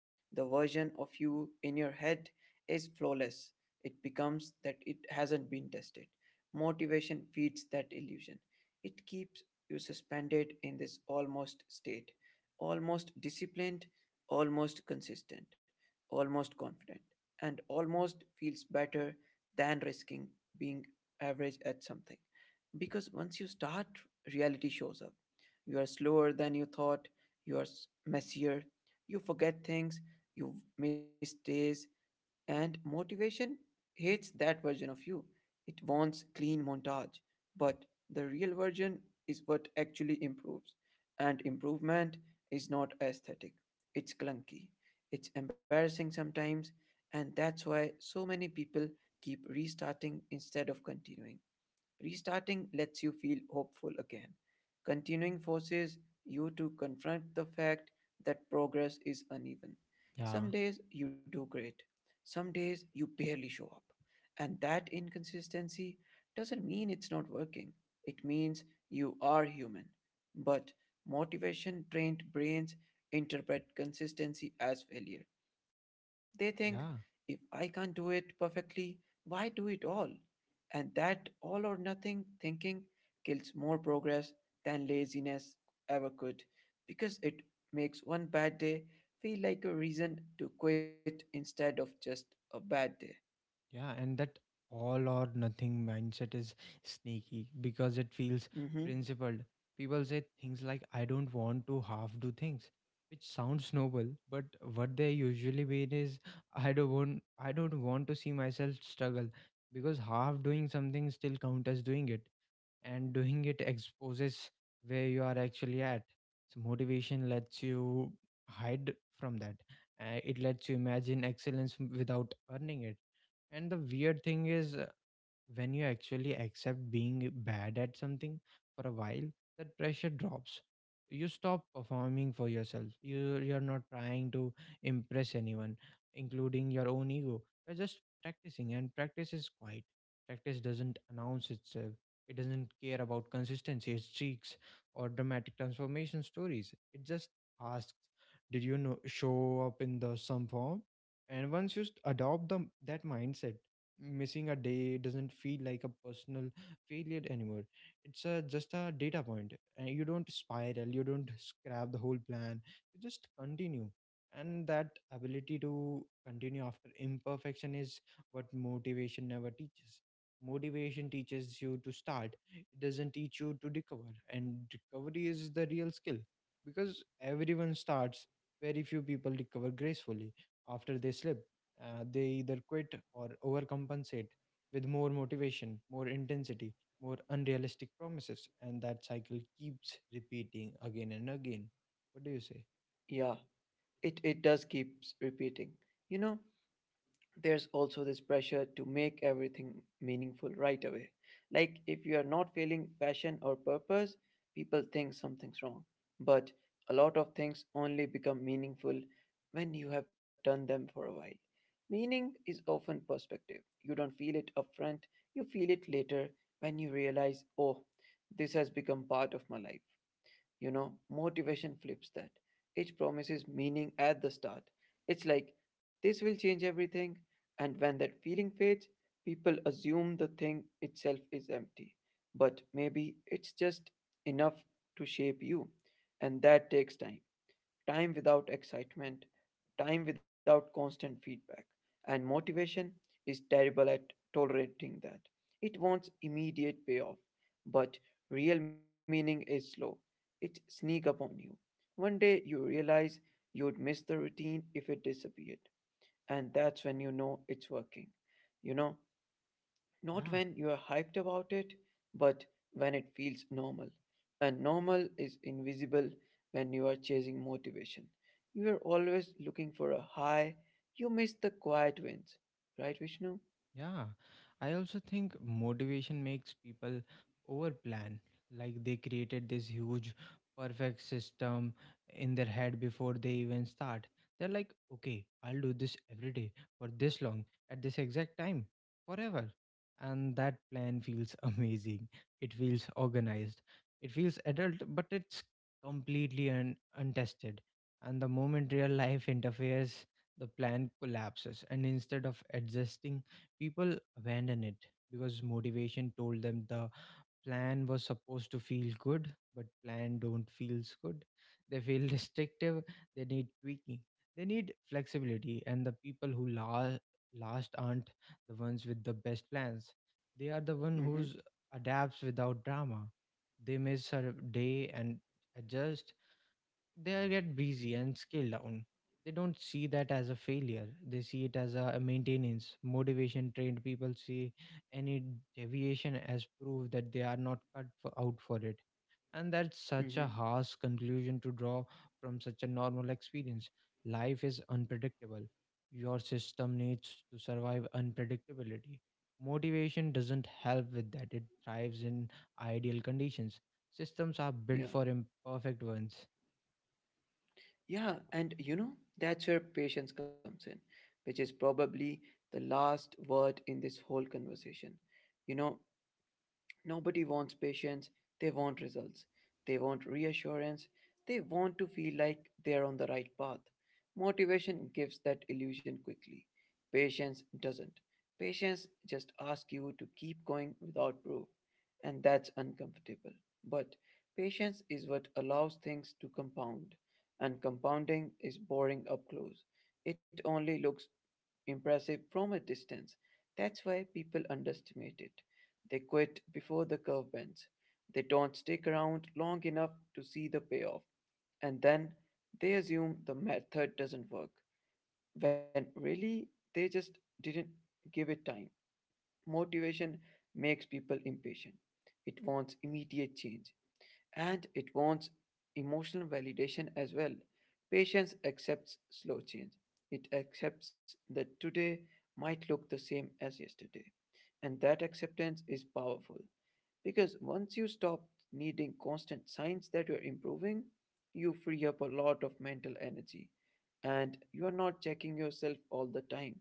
S2: The version of you in your head is flawless. It becomes that it hasn't been tested. Motivation feeds that illusion. It keeps you suspended in this almost state, almost disciplined, almost consistent, almost confident and almost feels better than risking being average at something. Because once you start, reality shows up. You are slower than you thought, you are messier, you forget things, you miss days, and motivation hates that version of you. It wants clean montage. But the real version is what actually improves. And improvement is not aesthetic, it's clunky, it's embarrassing sometimes. And that's why so many people keep restarting instead of continuing. Restarting lets you feel hopeful again. Continuing forces you to confront the fact that progress is uneven.
S1: yeah,
S2: Some days you do great, some days you barely show up. And that inconsistency doesn't mean it's not working, it means you are human. But motivation trained brains interpret consistency as failure. They think, if
S1: yeah,
S2: I can't do it perfectly, why do it all? And that all or nothing thinking kills more progress than laziness ever could because it makes one bad day feel like a reason to quit instead of just a bad day.
S1: yeah. And that all or nothing mindset is sneaky because it feels
S2: Hmm.
S1: principled. People say things like, "I don't want to half do things," which sounds noble, but what they usually mean is, "I don't want to see myself struggle," because half doing something still counts as doing it, and doing it exposes where you are actually at. So motivation lets you hide from that. It lets you imagine excellence without earning it. And the weird thing is, when you actually accept being bad at something for a while, that pressure drops. You stop performing for yourself. You're not trying to impress anyone, including your own ego. You're just practicing, and practice is quiet. Practice doesn't announce itself, it doesn't care about consistency streaks or dramatic transformation stories. It just asks, did you know show up in the some form. And once you adopt that mindset, missing a day doesn't feel like a personal failure anymore. It's just a data point, and you don't spiral, you don't scrap the whole plan, you just continue. And that ability to continue after imperfection is what motivation never teaches. Motivation teaches you to start, it doesn't teach you to recover. And recovery is the real skill, because everyone starts, very few people recover gracefully after they slip. They either quit or overcompensate with more motivation, more intensity, more unrealistic promises, and that cycle keeps repeating again and again. What do you say?
S2: Yeah, it does keeps repeating. You know, there's also this pressure to make everything meaningful right away. Like if you are not feeling passion or purpose, people think something's wrong. But a lot of things only become meaningful when you have done them for a while. Meaning is often perspective. You don't feel it upfront, you feel it later when you realize, oh, this has become part of my life. You know, motivation flips that. It promises meaning at the start. It's like, this will change everything. And when that feeling fades, people assume the thing itself is empty. But maybe it's just enough to shape you. And that takes time. Time without excitement, time without constant feedback, and motivation is terrible at tolerating that. It wants immediate payoff, but real meaning is slow. It sneaks up on you. One day you realize you'd miss the routine if it disappeared, and that's when you know it's working. You know, not
S1: Yeah.
S2: when you're hyped about it, but when it feels normal. And normal is invisible when you are chasing motivation. You are always looking for a high. You miss the quiet wins. Right, Vishnu?
S1: Yeah, I also think motivation makes people overplan. Like they created this huge, perfect system in their head before they even start. They're like, "okay, I'll do this every day for this long at this exact time forever." And that plan feels <laughs> amazing. It feels organized. It feels adult, but it's completely untested. And the moment real life <laughs> interferes, the plan collapses. And instead of adjusting, people abandoned it because motivation told them the plan was supposed to feel good, but plan don't feels good, they feel <laughs> restrictive, they need tweaking, they need flexibility. And the people who last aren't the ones with the best plans, they are the one who's
S2: Mm-hmm.
S1: adapts without drama. They miss a day and adjust, they get busy and scale down. They don't see that as a failure. They see it as a maintenance. Motivation trained people see any deviation as proof that they are not out for it. And that's such a
S2: Mm-hmm.
S1: harsh conclusion to draw from such a normal experience. Life is unpredictable. Your system needs to survive unpredictability. Motivation doesn't help with that, it thrives in ideal conditions. Systems are built
S2: Yeah.
S1: for imperfect ones.
S2: Yeah. And you know, that's where patience comes in, which is probably the last word in this whole conversation. You know, nobody wants patience, they want results. They want reassurance, they want to feel like they're on the right path. Motivation gives that illusion quickly. Patience doesn't. Patience just asks you to keep going without proof and that's uncomfortable. But patience is what allows things to compound, and compounding is boring up close. It only looks impressive from a distance. That's why people underestimate it. They quit before the curve bends. They don't stick around long enough to see the payoff, and then they assume the method doesn't work, when really they just didn't give it time. Motivation makes people impatient. It wants immediate change and it wants emotional validation as well. Patience accepts slow change. It accepts that today might look the same as yesterday. And that acceptance is powerful. Because once you stop needing constant signs that you're improving, you free up a lot of mental energy. And you are not checking yourself all the time.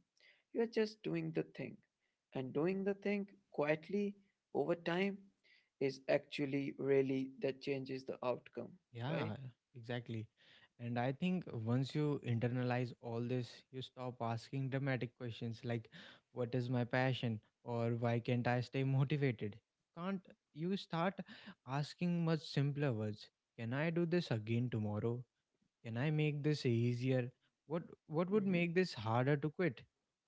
S2: You are just doing the thing. And doing the thing quietly over time is actually really that changes the outcome, right?
S1: Yeah, exactly. And I think once you internalize all this, you stop asking dramatic questions like, "What is my passion?" or "Why can't I stay motivated?" Can't you start asking much simpler words? Can I do this again tomorrow? Can I make this easier? what what would
S2: Hmm.
S1: make this harder to quit?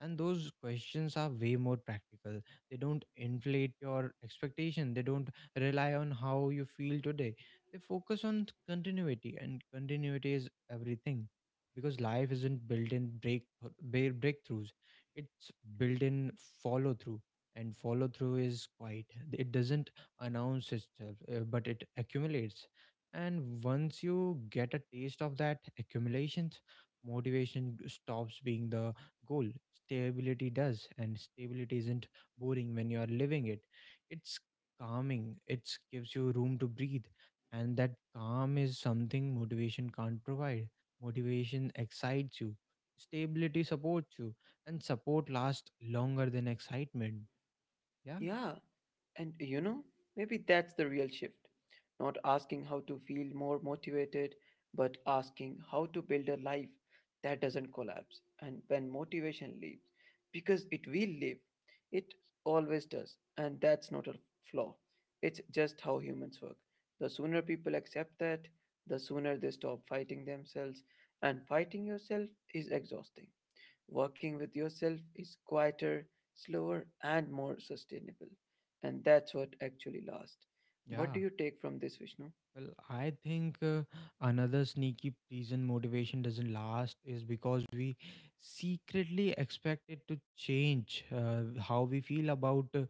S1: And those questions are way more practical. They don't inflate your expectation, they don't rely on how you feel today, they focus on continuity, and continuity is everything. Because life isn't built in breakthroughs, it's built in follow through. And follow through is quiet, it doesn't announce itself, but it accumulates. And once you get a taste of that accumulation, motivation stops being the goal. Stability does. And stability isn't boring when you are living it. It's calming, it gives you room to breathe. And that calm is something motivation can't provide. Motivation excites you, stability supports you, and support lasts longer than excitement. Yeah,
S2: Yeah, and you know, maybe that's the real shift. Not asking how to feel more motivated, but asking how to build a life that doesn't collapse. And when motivation leaves, because it will leave, it always does. And that's not a flaw, it's just how humans work. The sooner people accept that, the sooner they stop fighting themselves. And fighting yourself is exhausting. Working with yourself is quieter, slower, and more sustainable. And that's what actually lasts. What
S1: yeah.
S2: do you take from this, Vishnu?
S1: Well, I think another sneaky reason motivation doesn't last is because we secretly expect it to change how we feel about uh,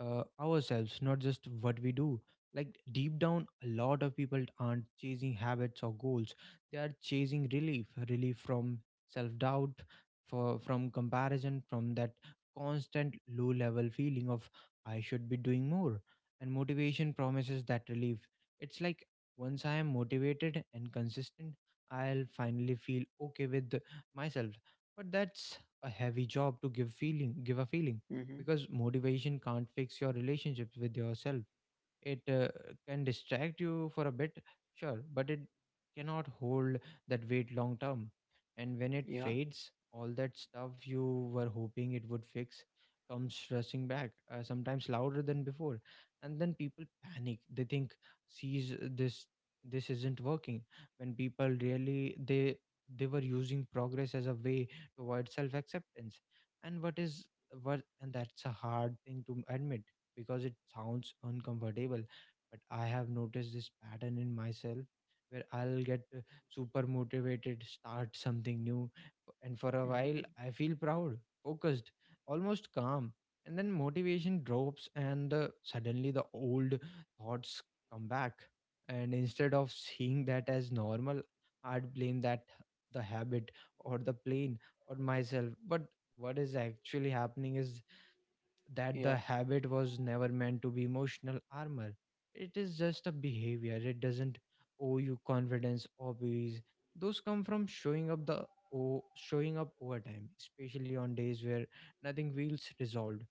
S1: uh, ourselves, not just what we do. Like deep down, a lot of people aren't chasing habits or goals. They are chasing relief, relief from self-doubt, for from comparison, from that constant low-level feeling of "I should be doing more." And motivation promises that relief. It's like, "once I am motivated and consistent, I'll finally feel okay with myself." But that's a heavy job to give give a feeling,
S2: Mm-hmm.
S1: because motivation can't fix your relationships with yourself. It can distract you for a bit, sure, but it cannot hold that weight long term. And when it
S2: Yeah.
S1: fades, all that stuff you were hoping it would fix comes rushing back, sometimes louder than before. And then people panic. They think sees this isn't working, when people really they were using progress as a way to avoid self acceptance. And what is what and that's a hard thing to admit, because it sounds uncomfortable. But I have noticed this pattern in myself, where I'll get super motivated, start something new, and for a while
S2: Mm-hmm.
S1: I feel proud, focused, almost calm. And then motivation drops, and suddenly the old thoughts come back. And instead of seeing that as normal, I'd blame that the habit or the plane or myself. But what is actually happening is that
S2: Yeah.
S1: the habit was never meant to be emotional armor. It is just a behavior. It doesn't owe you confidence, hobbies. Those come from showing up the o showing up over time, especially on days where nothing feels resolved.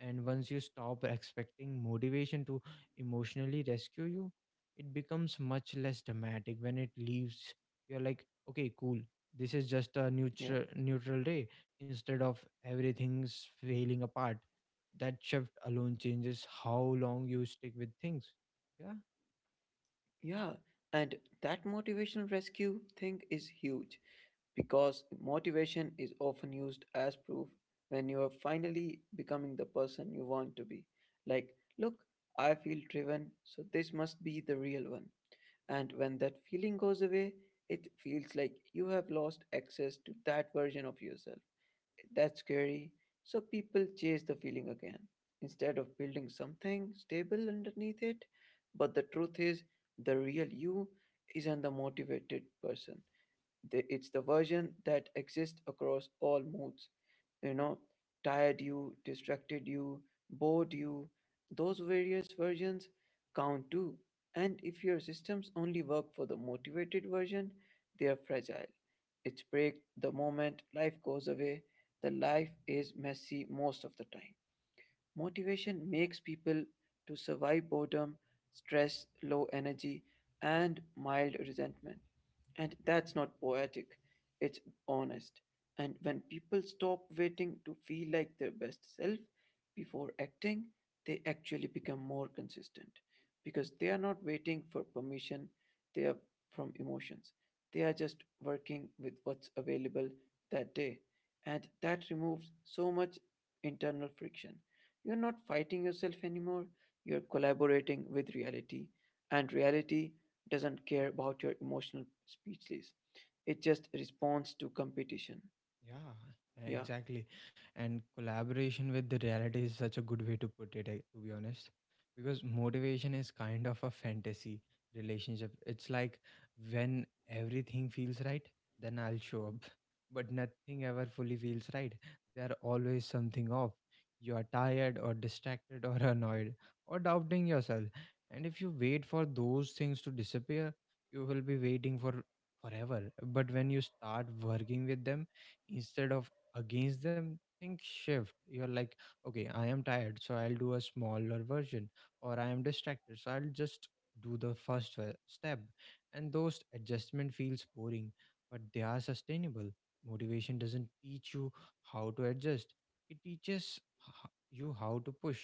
S1: And once you stop expecting motivation to emotionally rescue you, it becomes much less dramatic when it leaves. You're like, okay, cool. This is just a
S2: Yeah.
S1: neutral day, instead of everything's failing apart. That shift alone changes how long you stick with things. Yeah.
S2: Yeah. And that motivational rescue thing is huge because motivation is often used as proof when you are finally becoming the person you want to be. Like, look, I feel driven, so this must be the real one. And when that feeling goes away, it feels like you have lost access to that version of yourself. That's scary. So people chase the feeling again instead of building something stable underneath it. But the truth is, the real you isn't the motivated person. It's the version that exists across all moods. You know, tired you, distracted you, bored you. Those various versions count too. And if your systems only work for the motivated version, they are fragile. It's break the moment life goes away. The life is messy most of the time. Motivation makes people to survive boredom, stress, low energy, and mild resentment. And that's not poetic, it's honest. And when people stop waiting to feel like their best self before acting, they actually become more consistent because they are not waiting for permission, they are from emotions. They are just working with what's available that day. And that removes so much internal friction. You're not fighting yourself anymore, you're collaborating with reality. And reality doesn't care about your emotional speechless, it just responds to competition.
S1: Yeah,
S2: Yeah,
S1: exactly. And collaboration with the reality is such a good way to put it, eh, to be honest. Because motivation is kind of a fantasy relationship. It's like when everything feels right, then I'll show up. <laughs> But nothing ever fully feels right. There are always something off. You are tired or distracted or <laughs> annoyed or doubting yourself. And if you wait for those things to disappear, you will be waiting for forever. But when you start working with them, instead of against them, think shift, you're like, okay, I am tired, so I'll do a smaller version, or I am distracted, so I'll just do the first step. And those adjustment feels boring, but they are sustainable. Motivation doesn't teach you how to adjust, it teaches you how to push,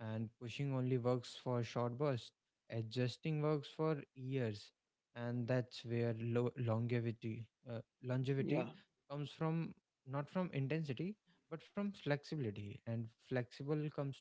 S1: and pushing only works for short bursts. Adjusting works for years, and that's where longevity
S2: yeah,
S1: comes from, not from intensity, but from flexibility. And flexible comes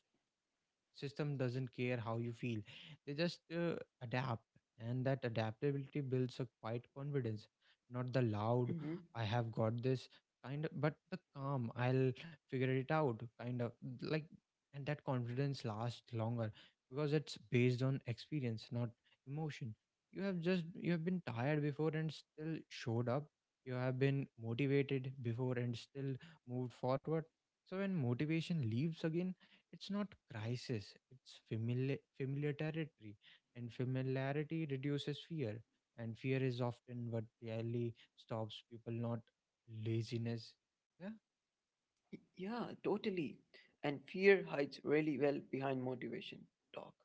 S1: system doesn't care how you feel, they just adapt. And that adaptability builds a quiet confidence, not the loud
S2: hmm,
S1: "I have got this" kind, of but the calm "I'll figure it out" kind of like. And that confidence lasts longer, because it's based on experience, not emotion. You have been tired before and still showed up, you have been motivated before and still moved forward. So when motivation leaves again, it's not crisis, it's familiarity. And familiarity reduces fear, and fear is often what really stops people, not laziness. Yeah.
S2: yeah, totally. And fear hides really well behind motivation talk.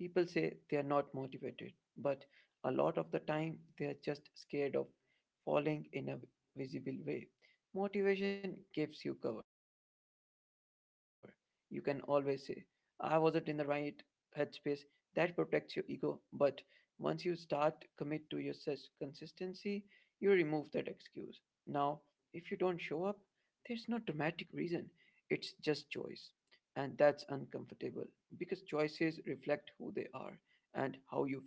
S2: People say they are not motivated, but a lot of the time they are just scared of falling in a visible way. Motivation gives you cover. You can always say, I wasn't in the right headspace. That protects your ego, but once you start commit to your consistency, you remove that excuse. Now, if you don't show up, there's no dramatic reason. It's just choice. And that's uncomfortable because choices reflect who they are and how you feel.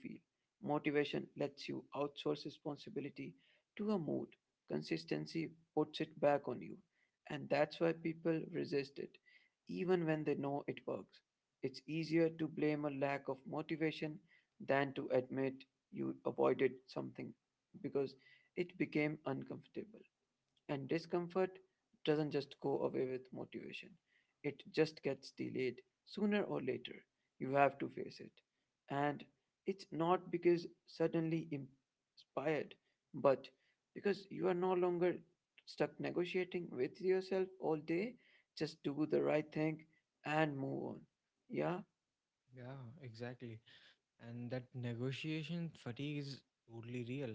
S2: Motivation lets you outsource responsibility to a mood, consistency puts it back on you, and that's why people resist it, even when they know it works. It's easier to blame a lack of motivation than to admit you avoided something because it became uncomfortable. And discomfort doesn't just go away with motivation, it just gets delayed sooner or later. You have to face it. And it's not because suddenly inspired, but because you are no longer stuck negotiating with yourself all day. Just do the right thing and move on. Yeah?
S1: Yeah, exactly. And that negotiation fatigue is totally real.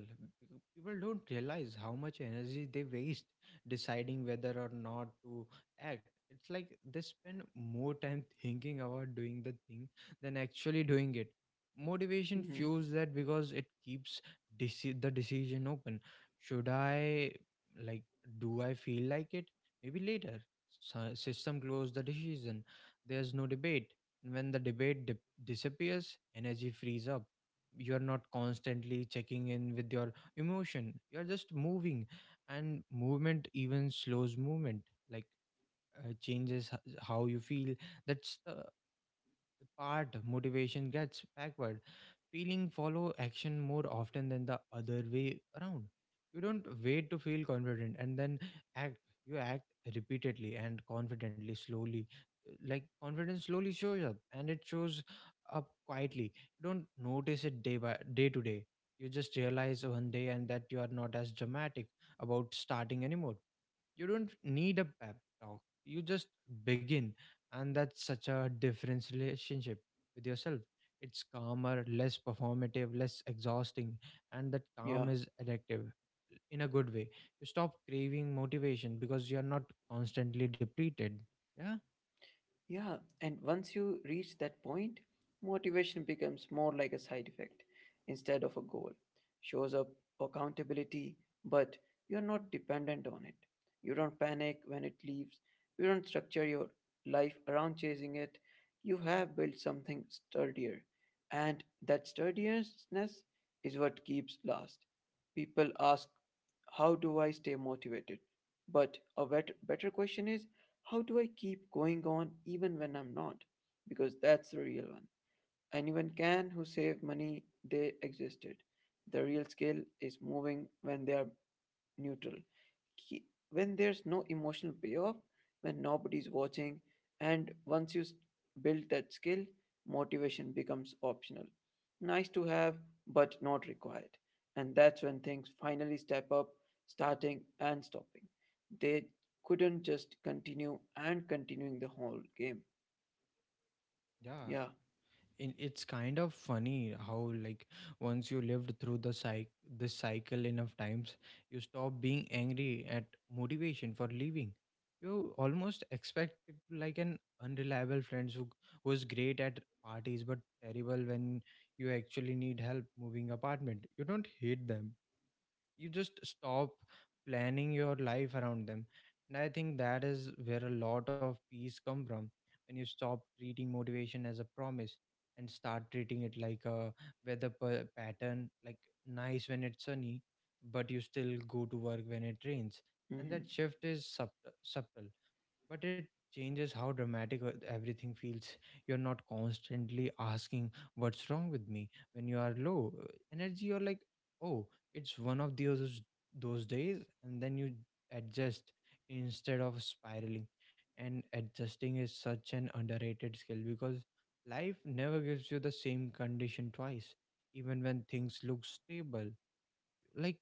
S1: People don't realize how much energy they waste deciding whether or not to act. It's like they spend more time <laughs> thinking about doing the thing than actually doing it. Motivation
S2: Mhm.
S1: fuels that because it keeps the decision open. Should I, like, do I feel like it? Maybe later. System close the decision. There's no debate when the debate dip disappears, energy frees up. You are not constantly checking in with your emotion, you're just moving. And movement, even slows movement, like changes how you feel. That's the part motivation gets backward. Feeling follow action more often than the other way around. You don't wait to feel confident and then act, you act repeatedly and confidently slowly. Like confidence slowly shows up, and it shows up quietly. You don't notice it day by day to day, you just realize one day and that you are not as dramatic about starting anymore. You don't need a pep talk, you just begin. And that's such a different relationship with yourself. It's calmer, less performative, less exhausting, and that calm
S2: Yeah.
S1: is addictive in a good way. You stop craving motivation because you're not constantly depleted. Yeah.
S2: Yeah, and once you reach that point, motivation becomes more like a side effect instead of a goal. Shows up accountability, but you're not dependent on it. You don't panic when it leaves. You don't structure your life around chasing it. You have built something sturdier, and that sturdiness is what keeps last. People ask, how do I stay motivated? But a better question is, how do I keep going on even when I'm not? Because that's the real one. Anyone can who save money they existed. The real skill is moving when they are neutral, ki- when there's no emotional payoff, when nobody's watching, and once you build that skill, motivation becomes optional. Nice to have, but not required. And that's when things finally step up, starting and stopping. They couldn't just continue and continuing the whole game.
S1: Yeah,
S2: Yeah.
S1: it's kind of funny how, like, once you lived through the cycle this cycle enough times, you stop being angry at motivation for leaving. You almost expect it to, like an unreliable friend who is great at parties but terrible when you actually need help moving apartment. You don't hate them, you just stop planning your life around them. And I think that is where a lot of peace come from, when you stop treating motivation as a promise and start treating it like a weather pattern, like, nice when it's sunny but you still go to work when it rains. And
S2: Mm-hmm.
S1: that shift is subtle, but it changes how dramatic everything feels. You're not constantly asking what's wrong with me when you are low energy. You're like, oh, it's one of those days, and then you adjust instead of spiraling. And adjusting is such an underrated skill, because life never gives you the same condition twice. Even when things look stable, like,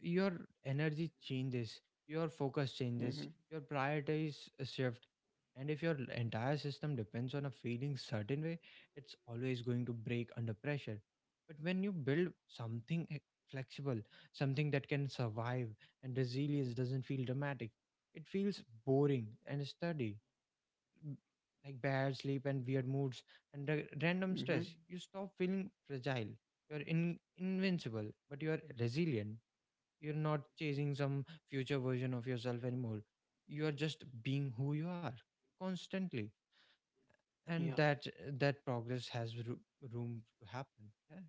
S1: your energy changes, your focus
S2: Mm-hmm.
S1: changes, your priorities shift. And if your entire system depends on a feeling certain way, it's always going to break under pressure. But when you build something flexible, something that can survive, and resilience doesn't feel dramatic, it feels boring and steady. m- Like bad sleep and weird moods and random
S2: Mm-hmm.
S1: stress, you stop feeling fragile. You're invincible, but you're resilient. You're not chasing some future version of yourself anymore. You are just being who you are constantly,
S2: Yeah.
S1: and that progress has room to happen. Yeah.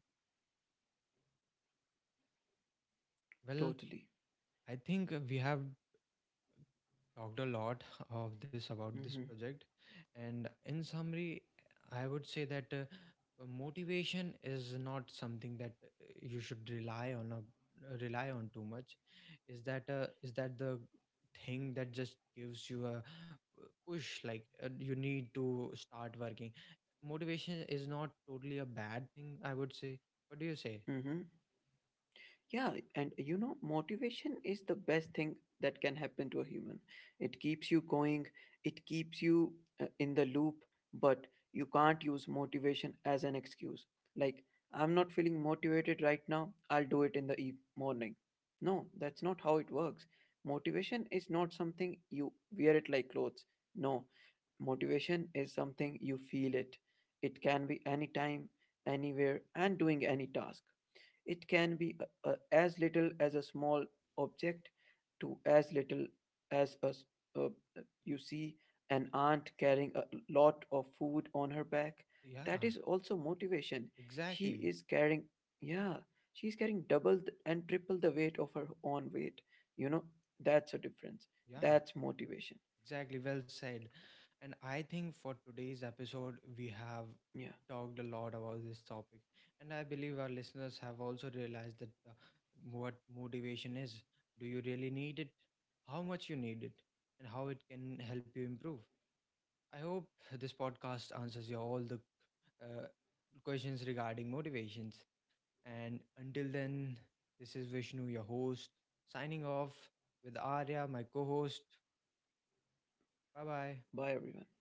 S1: Well,
S2: Totally.
S1: I think we have talked a lot of this about this
S2: Mm-hmm.
S1: project, and in summary, I would say that motivation is not something that you should rely on, rely on too much. Is that is that the thing that just gives you a, push, like, you need to start working. Motivation is not totally a bad thing, I would say. What do you say?
S2: Mm-hmm. Yeah, and you know, motivation is the best thing that can happen to a human. It keeps you going, it keeps you in the loop, but you can't use motivation as an excuse. Like, I'm not feeling motivated right now, I'll do it in the morning. No, that's not how it works. Motivation is not something you wear it like clothes. No, motivation is something you feel it. It can be anytime, anywhere, and doing any task it can be as little as a small object to as little as uh, you see an aunt carrying a lot of food on her back. That
S1: Yeah,
S2: is also motivation. She
S1: exactly.
S2: is carrying, yeah, she's carrying double and triple the weight of her own weight. You know, that's a difference.
S1: Yeah.
S2: That's motivation.
S1: Exactly, well said. And I think for today's episode, we have
S2: Yeah.
S1: talked a lot about this topic. And I believe our listeners have also realized that, what motivation is. Do you really need it? How much you need it? And how it can help you improve? I hope this podcast answers you all the uh, questions regarding motivations. And until then, this is Vishnu, your host, signing off with Arya, my co host. Bye bye.
S2: Bye, everyone.